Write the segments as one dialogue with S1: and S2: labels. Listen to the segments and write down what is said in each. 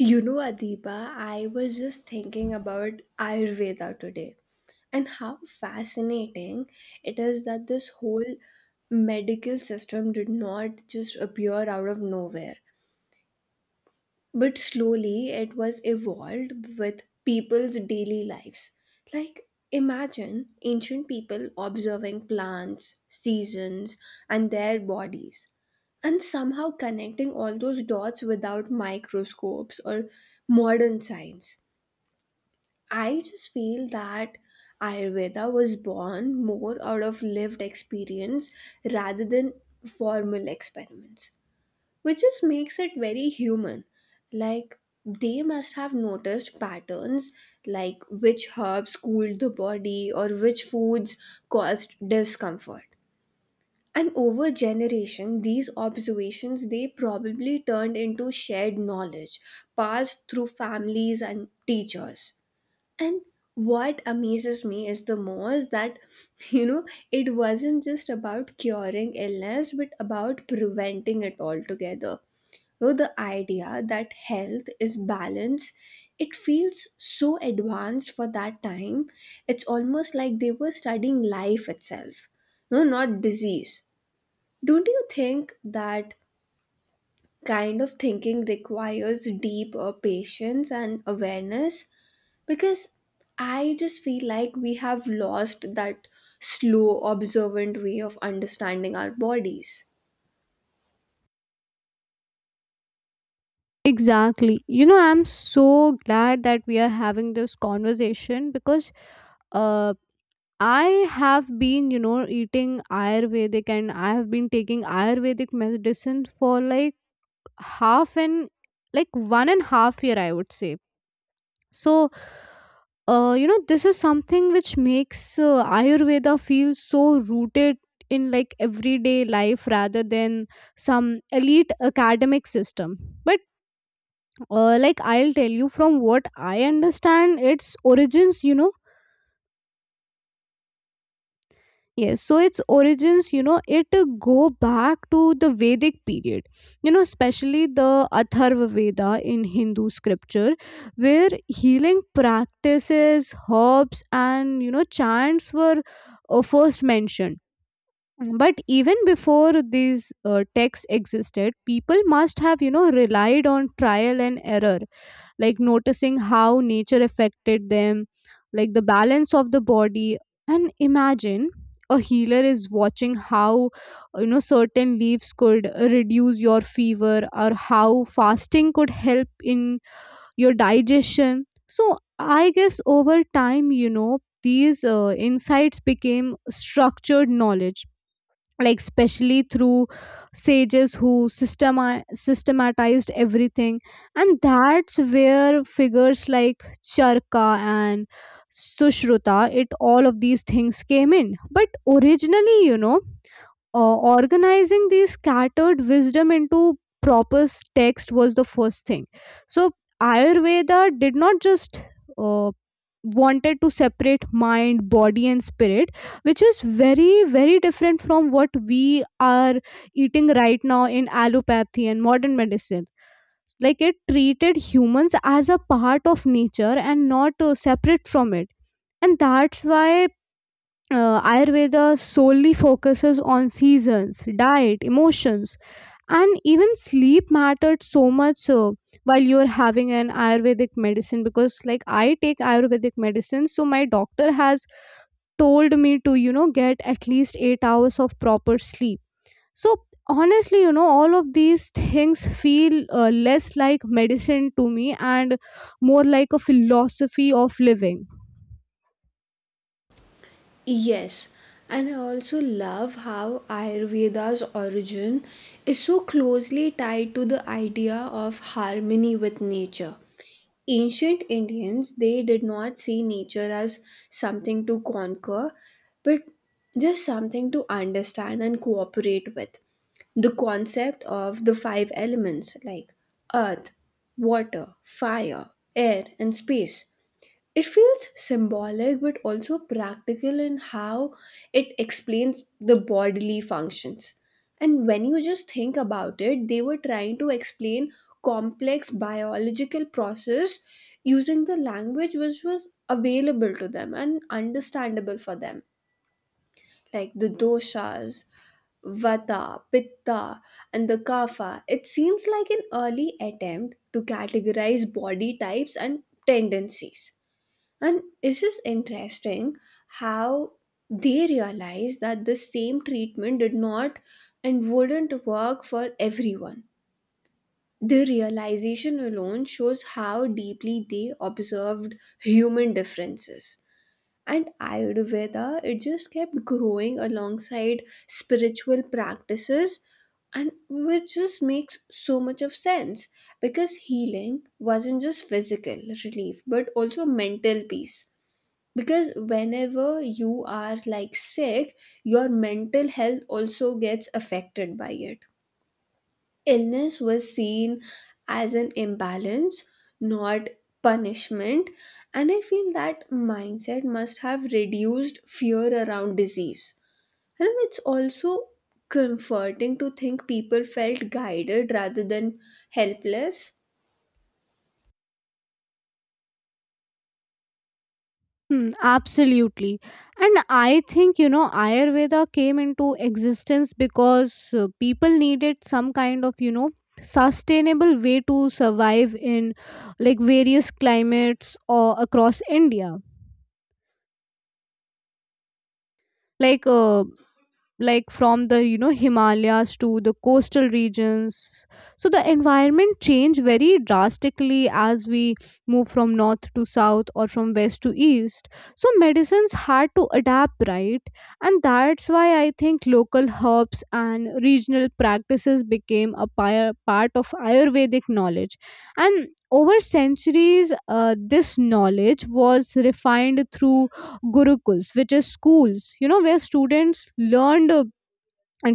S1: You know, Adiba, I was just thinking about Ayurveda today and how fascinating it is that this whole medical system did not just appear out of nowhere. But slowly it was evolved with people's daily lives. Like, imagine ancient people observing plants, seasons, and their bodies, and somehow connecting all those dots without microscopes or modern science. I just feel that Ayurveda was born more out of lived experience rather than formal experiments which just makes it very human. Like they must have noticed patterns like which herbs cooled the body or which foods caused discomfort. And over generation, these observations they probably turned into shared knowledge passed through families and teachers. And what amazes me is the most that you know it wasn't just about curing illness but about preventing it altogether with the idea that health is balance, it feels so advanced for that time. It's almost like they were studying life itself, no, not disease. Don't you think that kind of thinking requires deeper patience and awareness? Because I just feel like we have lost that slow, observant way of understanding our bodies.
S2: Exactly. You know, I'm so glad that we are having this conversation because uh, I have been, you know, eating Ayurvedic and I have been taking Ayurvedic medicine for like half an, like 1 and half year, I would say. So, you know, this is something which makes Ayurveda feel so rooted in like everyday life rather than some elite academic system. But like I'll tell you from what I understand its origins, you know. Yes, so its origins, you know, it go back to the Vedic period, you know, especially the Atharva Veda in Hindu scripture, where healing practices, herbs, and you know, chants were first mentioned. But even before these texts existed, people must have, you know, relied on trial and error, like noticing how nature affected them, like the balance of the body. And imagine a healer is watching how, you know, certain leaves could reduce your fever or how fasting could help in your digestion. So I guess over time, you know, these insights became structured knowledge, like especially through sages who systematized everything, and that's where figures like Charka and Sushruta, it all of these things came in. But originally, you know, organizing these scattered wisdom into proper text was the first thing. So Ayurveda did not just uh, wanted to separate mind, body, and spirit, which is very, very different from what we are eating right now in allopathy and modern medicine. Like it treated humans as a part of nature and not separate from it, and that's why Ayurveda solely focuses on seasons, diet, emotions, and even sleep mattered so much while you're having an Ayurvedic medicine. Because, like, I take Ayurvedic medicine, so my doctor has told me to, you know, get at least 8 hours of proper sleep. So honestly, you know, all of these things feel less like medicine to me and more like a philosophy of living.
S1: Yes, and I also love how Ayurveda's origin is so closely tied to the idea of harmony with nature. Ancient Indians, they did not see nature as something to conquer, but just something to understand and cooperate with. The concept of the five elements like earth, water, fire, air, and space it feels symbolic but also practical in how it explains the bodily functions. And when you just think about it, they were trying to explain complex biological process using the language which was available to them and understandable for them, like the doshas, vata, pitta, and the kapha. It seems like an early attempt to categorize body types and tendencies and it's just interesting how they realized that the same treatment did not and wouldn't work for everyone. The realization alone shows how deeply they observed human differences. And Ayurveda, it just kept growing alongside spiritual practices, and which just makes so much of sense because healing wasn't just physical relief but also mental peace because whenever you are like sick your mental health also gets affected by it. Illness was seen as an imbalance, not punishment, and I feel that mindset must have reduced fear around disease, and it's also comforting to think people felt guided rather than helpless.
S2: Hmm, absolutely. And I think, you know, Ayurveda came into existence because people needed some kind of, you know, sustainable way to survive in like various climates or across India. Like, uh, like from the, you know, Himalayas to the coastal regions, so the environment change very drastically as we move from north to south or from west to east. So medicines had to adapt, right? And that's why I think local herbs and regional practices became a part of Ayurvedic knowledge. And over centuries, this knowledge was refined through gurukuls, which is schools, you know, where students learned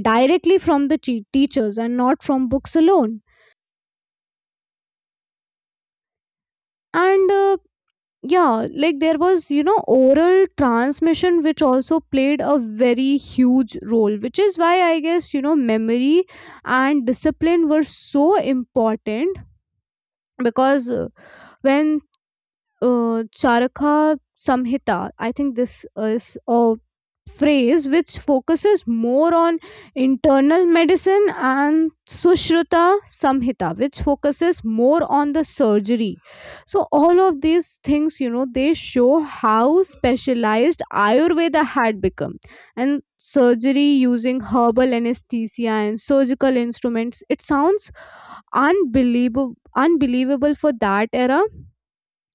S2: directly from the teachers and not from books alone. And yeah, like there was, you know, oral transmission, which also played a very huge role, which is why I guess, you know, memory and discipline were so important. Because when Charaka Samhita, I think this is a phrase which focuses more on internal medicine, and Sushruta Samhita, which focuses more on the surgery. So, all of these things, you know, they show how specialized Ayurveda had become. And surgery using herbal anesthesia and surgical instruments, it sounds unbelievable for that era.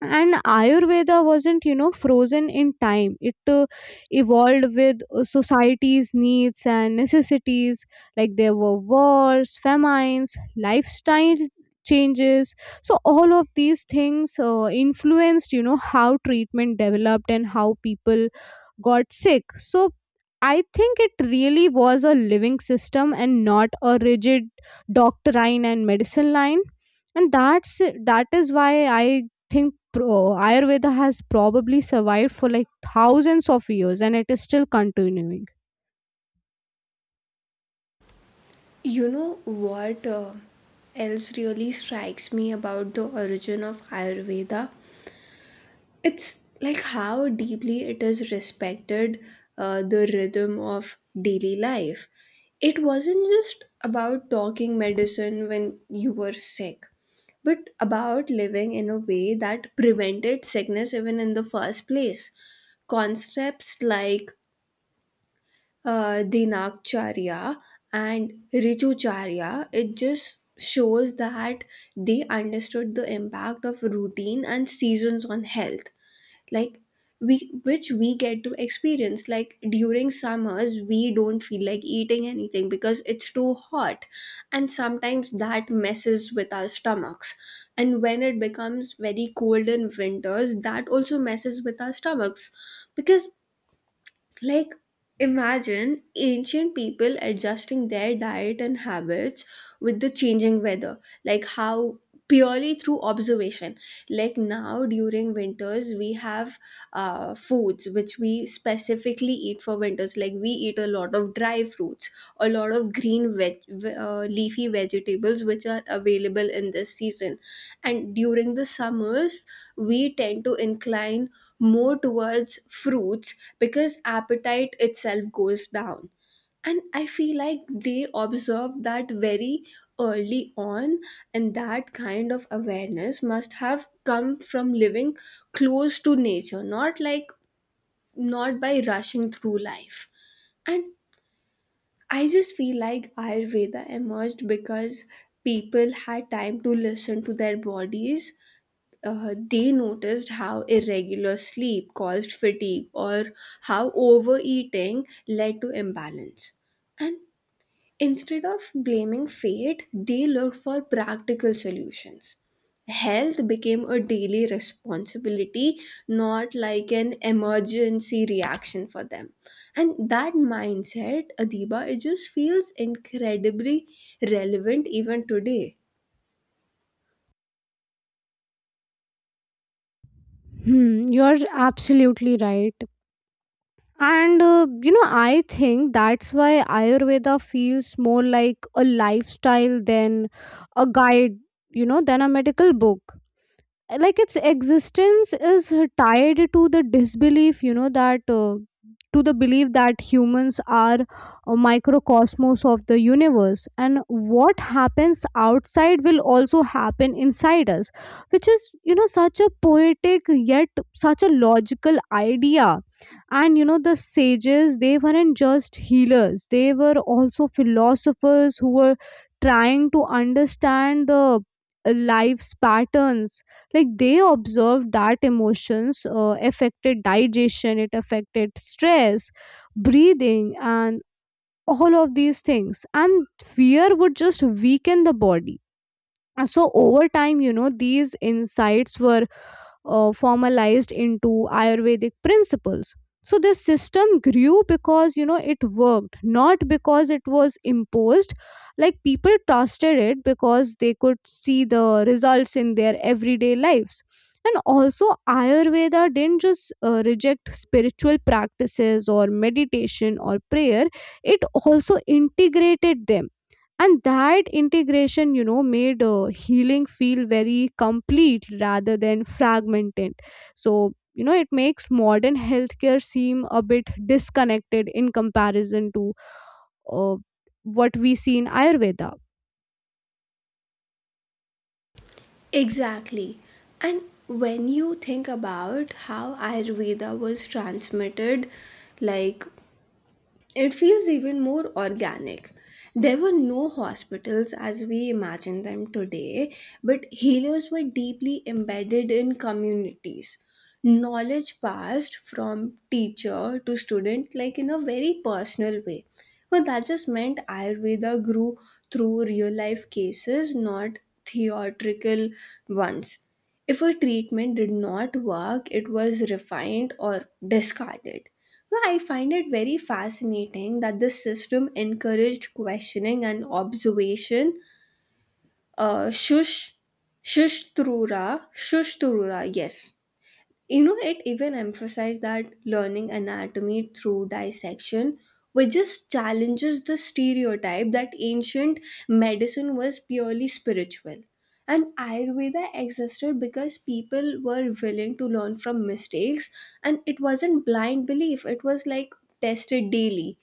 S2: And Ayurveda wasn't, you know, frozen in time. It evolved with society's needs and necessities. Like there were wars, famines, lifestyle changes, so all of these things influenced, you know, how treatment developed and how people got sick. So I think it really was a living system and not a rigid doctrine and medicine line. And that is why I think Ayurveda has probably survived for like thousands of years and it is still continuing.
S1: You know what else really strikes me about the origin of Ayurveda? It's like how deeply it is respected, the rhythm of daily life. It wasn't just about talking medicine when you were sick but about living in a way that prevented sickness even in the first place. Concepts like dinakcharya and richucharya, it just shows that they understood the impact of routine and seasons on health. Like we, which we get to experience, like during summers we don't feel like eating anything because it's too hot and sometimes that messes with our stomachs, and when it becomes very cold in winters that also messes with our stomachs. Because, like, imagine ancient people adjusting their diet and habits with the changing weather, like how purely through observation. Like now, during winters, we have foods which we specifically eat for winters, like we eat a lot of dry fruits, a lot of leafy vegetables which are available in this season, and during the summers we tend to incline more towards fruits because appetite itself goes down. And I feel like they observe that very early on, and that kind of awareness must have come from living close to nature, not by rushing through life. And I just feel like Ayurveda emerged because people had time to listen to their bodies. They noticed how irregular sleep caused fatigue or how overeating led to imbalance. And instead of blaming fate, they looked for practical solutions. Health became a daily responsibility, not like an emergency reaction for them. And that mindset, Adiba, it just feels incredibly relevant even today.
S2: Hmm, you're absolutely right. And you know, I think that's why Ayurveda feels more like a lifestyle than a guide, you know, than a medical book. Like its existence is tied to the disbelief, you know, that to the belief that humans are a microcosmos of the universe, and what happens outside will also happen inside us, which is, you know, such a poetic yet such a logical idea. And you know, the sages, they weren't just healers, they were also philosophers who were trying to understand the life's patterns. Like they observed that emotions affected digestion, it affected stress, breathing, and all of these things, and fear would just weaken the body. And so over time, you know, these insights were formalized into Ayurvedic principles. So this system grew because, you know, it worked, not because it was imposed. Like people trusted it because they could see the results in their everyday lives. And also Ayurveda didn't just reject spiritual practices or meditation or prayer, it also integrated them. And that integration, you know, made healing feel very complete rather than fragmented. So you know, it makes modern healthcare seem a bit disconnected in comparison to uh, what we see in Ayurveda.
S1: Exactly. And when you think about how Ayurveda was transmitted, like, it feels even more organic. There were no hospitals as we imagine them today, but healers were deeply embedded in communities. Knowledge passed from teacher to student, like in a very personal way. But that just meant Ayurveda grew through real life cases, not theoretical ones. If a treatment did not work, it was refined or discarded. Well, I find it very fascinating that the system encouraged questioning and observation. Uh, shush, shush, Trura, Trura, yes. You know, it even emphasized that learning anatomy through dissection, which just challenges the stereotype that ancient medicine was purely spiritual. And Ayurveda existed because people were willing to learn from mistakes, and it wasn't blind belief, it was like tested daily.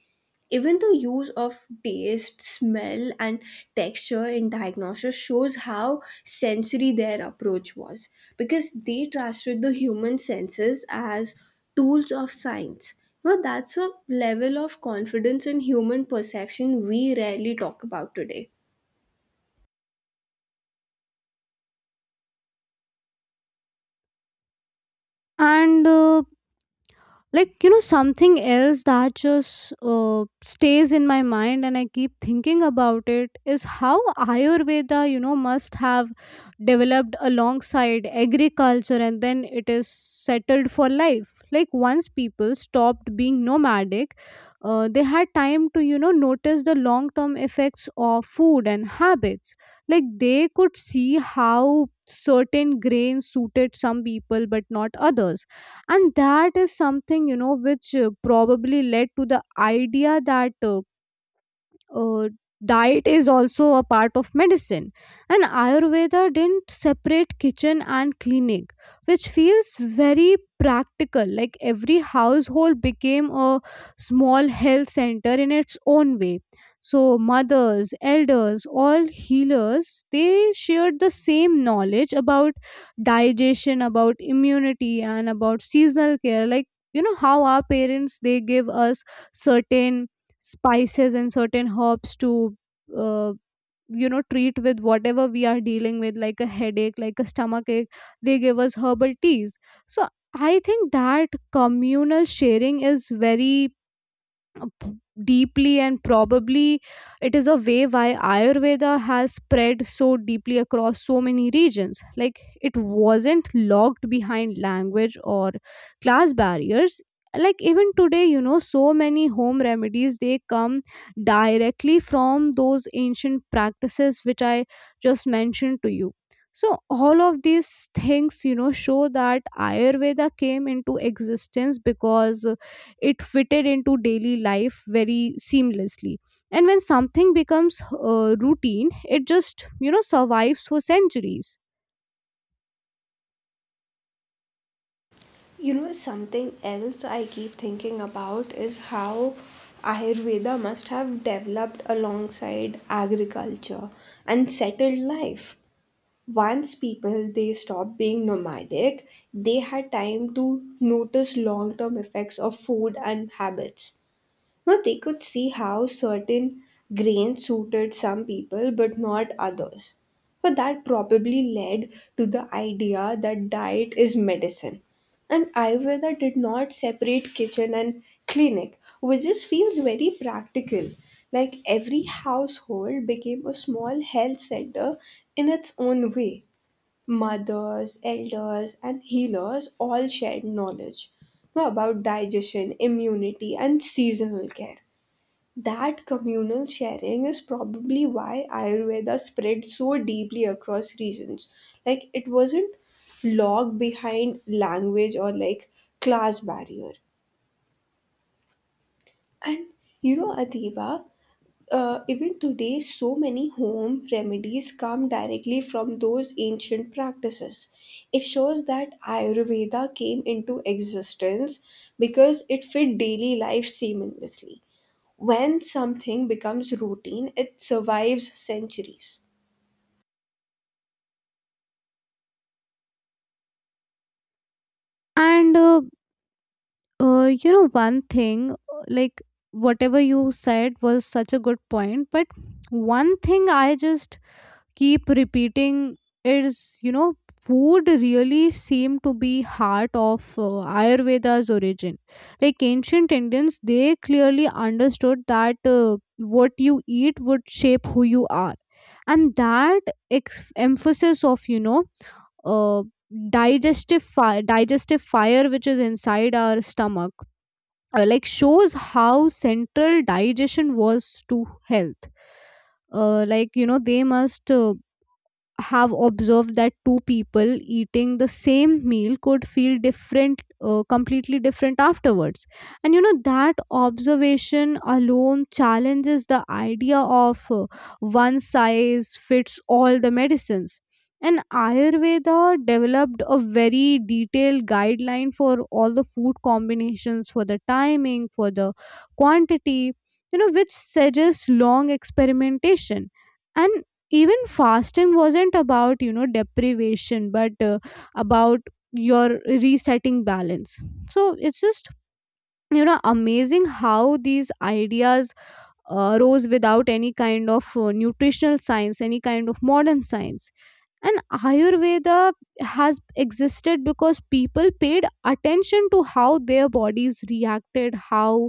S1: Even the use of taste, smell, and texture in diagnosis shows how sensory their approach was because they trusted the human senses as tools of science. Now, that's a level of confidence in human perception we rarely talk about today.
S2: And like, you know, something else that just stays in my mind and I keep thinking about it is how Ayurveda, you know, must have developed alongside agriculture, and then it is settled for life. Like once people stopped being nomadic, they had time to, you know, notice the long term effects of food and habits. Like they could see how certain grains suited some people but not others. And that is something, you know, which probably led to the idea that uh, diet is also a part of medicine. And Ayurveda didn't separate kitchen and clinic, which feels very practical. Like every household became a small health center in its own way. So mothers, elders, all healers, they shared the same knowledge about digestion, about immunity, and about seasonal care. Like, you know, how our parents, they give us certain spices and certain herbs to uh, you know, treat with whatever we are dealing with, like a headache, like a stomach ache. They give us herbal teas. So I think that communal sharing is very uh, p- deeply and probably it is a way why Ayurveda has spread so deeply across so many regions. Like it wasn't locked behind language or class barriers. Like even today, you know, so many home remedies, they come directly from those ancient practices which I just mentioned to you. So all of these things, you know, show that Ayurveda came into existence because it fitted into daily life very seamlessly. And when something becomes routine, it just, you know, survives for centuries.
S1: You know, something else I keep thinking about is how Ayurveda must have developed alongside agriculture and settled life. Once people they stopped being nomadic, they had time to notice long-term effects of food and habits. Now they could see how certain grains suited some people but not others, so that probably led to the idea that diet is medicine. And Ayurveda did not separate kitchen and clinic, which just feels very practical. Like every household became a small health center in its own way. Mothers, elders, and healers all shared knowledge, you know, about digestion, immunity, and seasonal care. That communal sharing is probably why Ayurveda spread so deeply across regions. Like, it wasn't locked behind language or like class barrier. And you know, Adiba, even today, so many home remedies come directly from those ancient practices. It shows that Ayurveda came into existence because it fit daily life seamlessly. When something becomes routine, it survives centuries.
S2: And you know, one thing, like, whatever you said was such a good point. But one thing I just keep repeating is, you know, food really seem to be heart of Ayurveda's origin. Like ancient Indians, they clearly understood that what you eat would shape who you are. And that emphasis of, you know, uh, digestive digestive fire, which is inside our stomach, like, shows how central digestion was to health. Like, you know, they must have observed that two people eating the same meal could feel different, completely different afterwards. And you know, that observation alone challenges the idea of one size fits all the medicines. And Ayurveda developed a very detailed guideline for all the food combinations, for the timing, for the quantity, you know, which suggests long experimentation. And even fasting wasn't about, you know, deprivation, but about your resetting balance. So it's just, you know, amazing how these ideas rose without any kind of nutritional science, any kind of modern science. And Ayurveda has existed because people paid attention to how their bodies reacted, how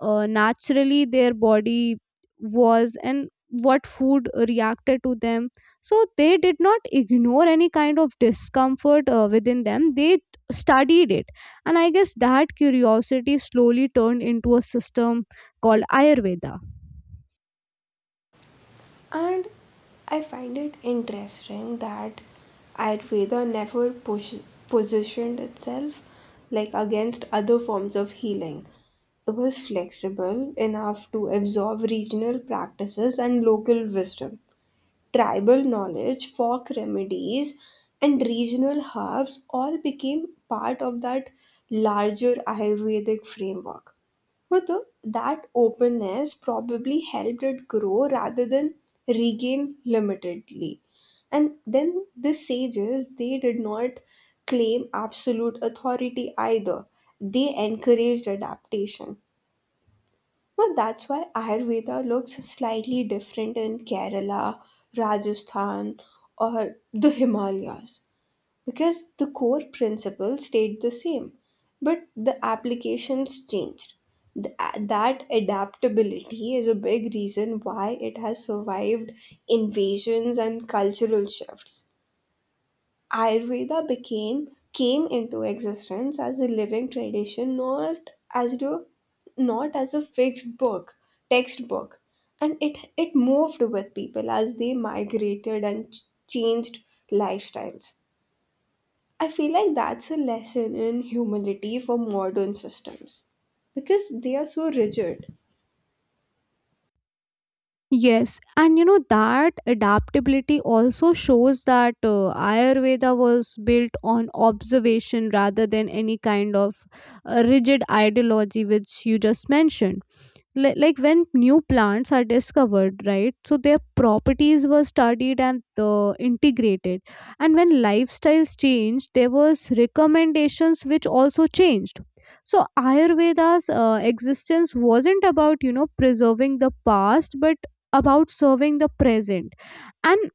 S2: naturally their body was and what food reacted to them. So they did not ignore any kind of discomfort within them, they studied it. And I guess that curiosity slowly turned into a system called Ayurveda.
S1: And I find it interesting that Ayurveda never positioned itself like against other forms of healing. It was flexible enough to absorb regional practices and local wisdom. Tribal knowledge, folk remedies, and regional herbs all became part of that larger Ayurvedic framework. But the- that openness probably helped it grow rather than regain limitedly. And then the sages, they did not claim absolute authority either. They encouraged adaptation. Well, that's why Ayurveda looks slightly different in Kerala, Rajasthan, or the Himalayas because the core principles stayed the same, but the applications changed. That adaptability is a big reason why it has survived invasions and cultural shifts. Ayurveda became came into existence as a living tradition, not as a fixed book textbook, and it moved with people as they migrated and changed lifestyles. I feel like that's a lesson in humility for modern systems because they are so rigid.
S2: Yes, and you know that adaptability also shows that Ayurveda was built on observation rather than any kind of rigid ideology which you just mentioned. Like when new plants are discovered, right? So their properties were studied and integrated. And when lifestyles changed, there was recommendations which also changed. So Ayurveda's existence wasn't about, you know, preserving the past, but about serving the present. And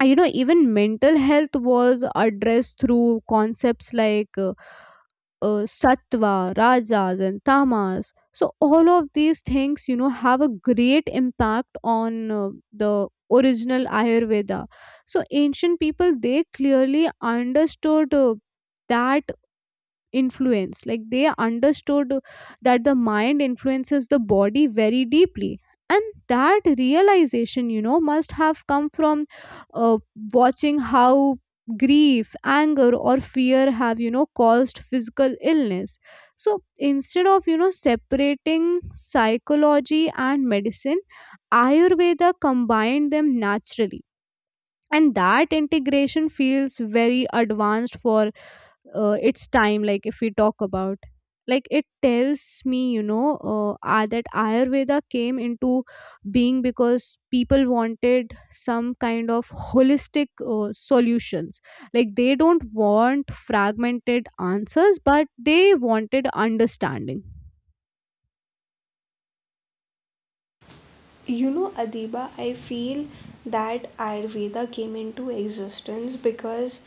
S2: you know, even mental health was addressed through concepts like sattva, rajas, and tamas. So, all of these things, you know, have a great impact on the original Ayurveda. So, ancient people they clearly understood that influence. Like they understood that the mind influences the body very deeply, and that realization must have come from uh, watching how grief, anger, or fear have caused physical illness. So instead of separating psychology and medicine, Ayurveda combined them naturally, and that integration feels very advanced for its time. Like if we talk about, like, it tells me that Ayurveda came into being because people wanted some kind of holistic solutions. Like they don't want fragmented answers, but they wanted understanding.
S1: You know, Adiba, I feel that Ayurveda came into existence because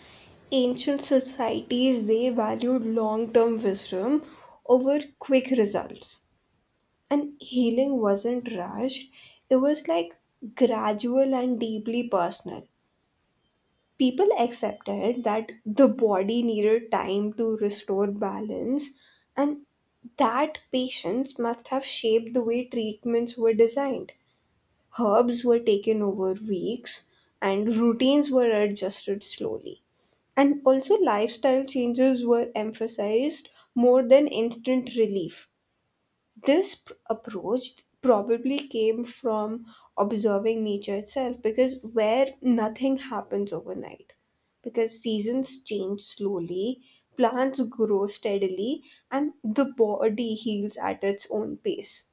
S1: ancient societies they valued long-term wisdom over quick results. And healing wasn't rushed. It was like gradual and deeply personal. People accepted that the body needed time to restore balance, and that patience must have shaped the way treatments were designed. Herbs were taken over weeks, and routines were adjusted slowly. And also, lifestyle changes were emphasized more than instant relief. This approach probably came from observing nature itself because where nothing happens overnight, because seasons change slowly, plants grow steadily, and the body heals at its own pace.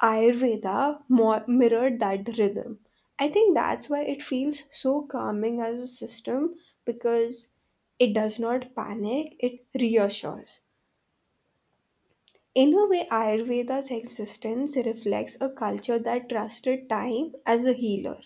S1: Ayurveda more mirrored that rhythm. I think that's why it feels so calming as a system because it does not panic, it reassures. In a way, Ayurveda's existence reflects a culture that trusted time as a healer.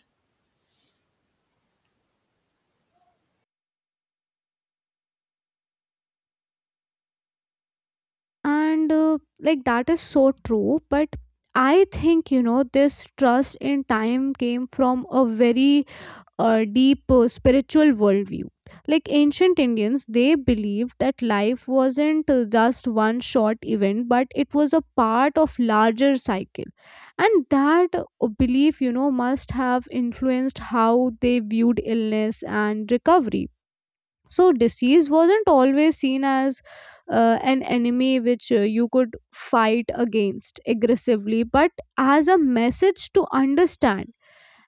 S2: And like, that is so true, but I think this trust in time came from a very a deep spiritual worldview. Like ancient Indians, they believed that life wasn't just one short event, but it was a part of larger cycle. And that belief, must have influenced how they viewed illness and recovery. So disease wasn't always seen as an enemy which you could fight against aggressively, but as a message to understand.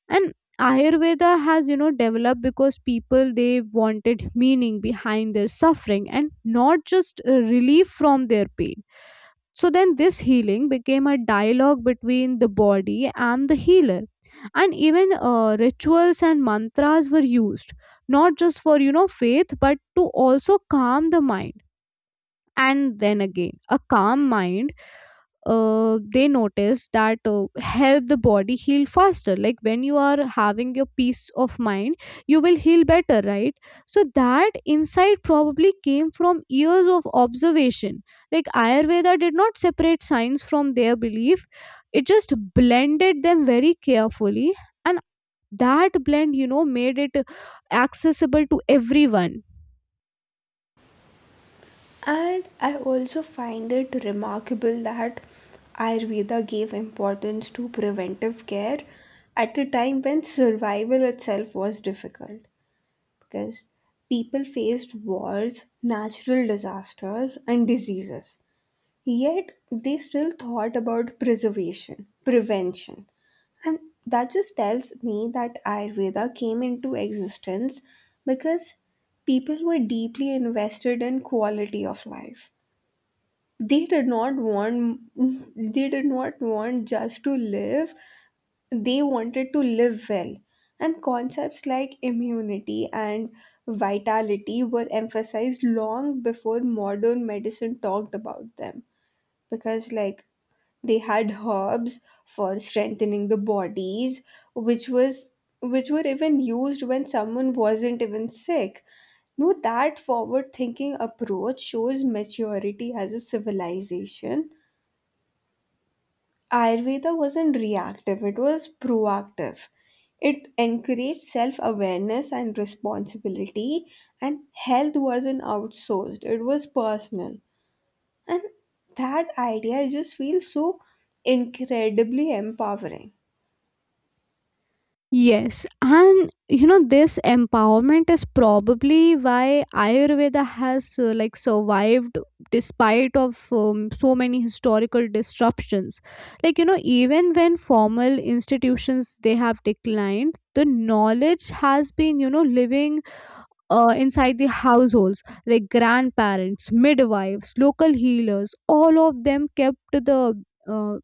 S2: And Ayurveda has developed because people they wanted meaning behind their suffering and not just relief from their pain. So then this healing became a dialogue between the body and the healer, and even rituals and mantras were used not just for faith, but to also calm the mind. And then again, a calm mind, they notice that help the body heal faster. Like when you are having your peace of mind, you will heal better, right? So that insight probably came from years of observation. Like Ayurveda did not separate science from their belief. It just blended them very carefully, and that blend made it accessible to everyone.
S1: And I also find it remarkable that Ayurveda gave importance to preventive care at a time when survival itself was difficult. Because people faced wars, natural disasters, and diseases. Yet they still thought about preservation, prevention. And that just tells me that Ayurveda came into existence because people were deeply invested in quality of life. They did not want they did not want just to live, they wanted to live well. And concepts like immunity and vitality were emphasized long before modern medicine talked about them. Because, like, they had herbs for strengthening the bodies, which was which were even used when someone wasn't even sick. No, that forward thinking approach shows maturity as a civilization. Ayurveda wasn't reactive, it was proactive. It encouraged self awareness and responsibility, and health wasn't outsourced, it was personal. And that idea just feels so incredibly empowering.
S2: Yes, and you know this empowerment is probably why Ayurveda has like, survived despite of so many historical disruptions. Like you know even when formal institutions they have declined, the knowledge has been living inside the households. Like grandparents, midwives, local healers, all of them kept the uh,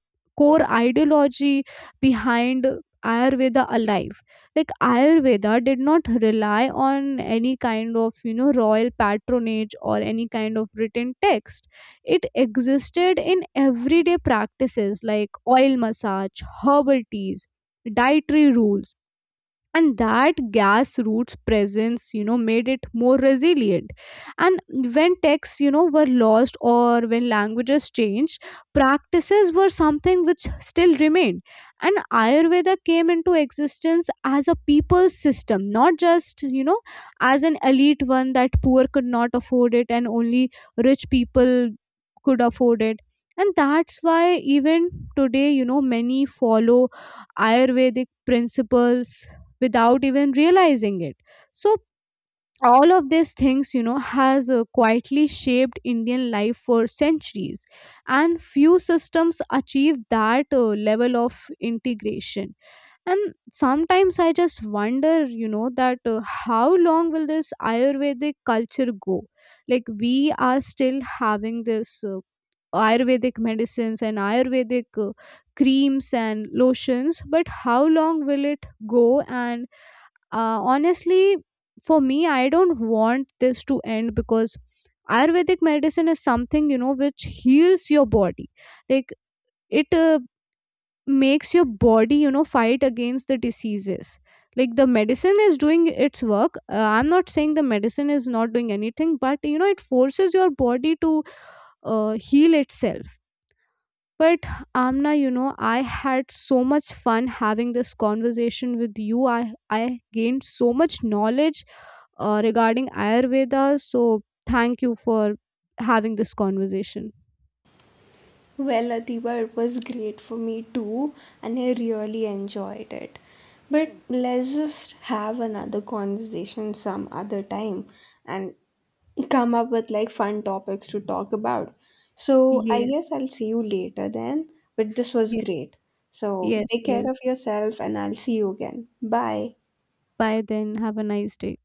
S2: core ideology behind Ayurveda alive. Like Ayurveda did not rely on any kind of royal patronage or any kind of written text. It existed in everyday practices like oil massage, herbal teas, dietary rules, and that grassroots presence made it more resilient. And when texts were lost or when languages changed, practices were something which still remained. And Ayurveda came into existence as a people's system, not just as an elite one, that poor could not afford it and only rich people could afford it. And that's why even today, you know, many follow Ayurvedic principles without even realizing it. So all of these things, you know, has quietly shaped Indian life for centuries, and few systems achieve that level of integration. And sometimes I just wonder, you know, that how long will this Ayurvedic culture go. Like we are still having this Ayurvedic medicines and Ayurvedic creams and lotions, but how long will it go? And honestly, for me, I don't want this to end because Ayurvedic medicine is something, you know, which heals your body. Like it makes your body, you know, fight against the diseases. Like the medicine is doing its work, I'm not saying the medicine is not doing anything, but you know it forces your body to heal itself. But Amna, you know, I had so much fun having this conversation with you. I gained so much knowledge regarding Ayurveda, so thank you for having this conversation.
S1: Well, Adiba, it was great for me too, and I really enjoyed it. But let's just have another conversation some other time and come up with like fun topics to talk about. So, I guess
S2: Yes,
S1: I'll see you later then. But this was
S2: yes.
S1: great. So,
S2: Yes,
S1: take care
S2: yes.
S1: of yourself, and I'll see you again. Bye.
S2: Bye then, have a nice day.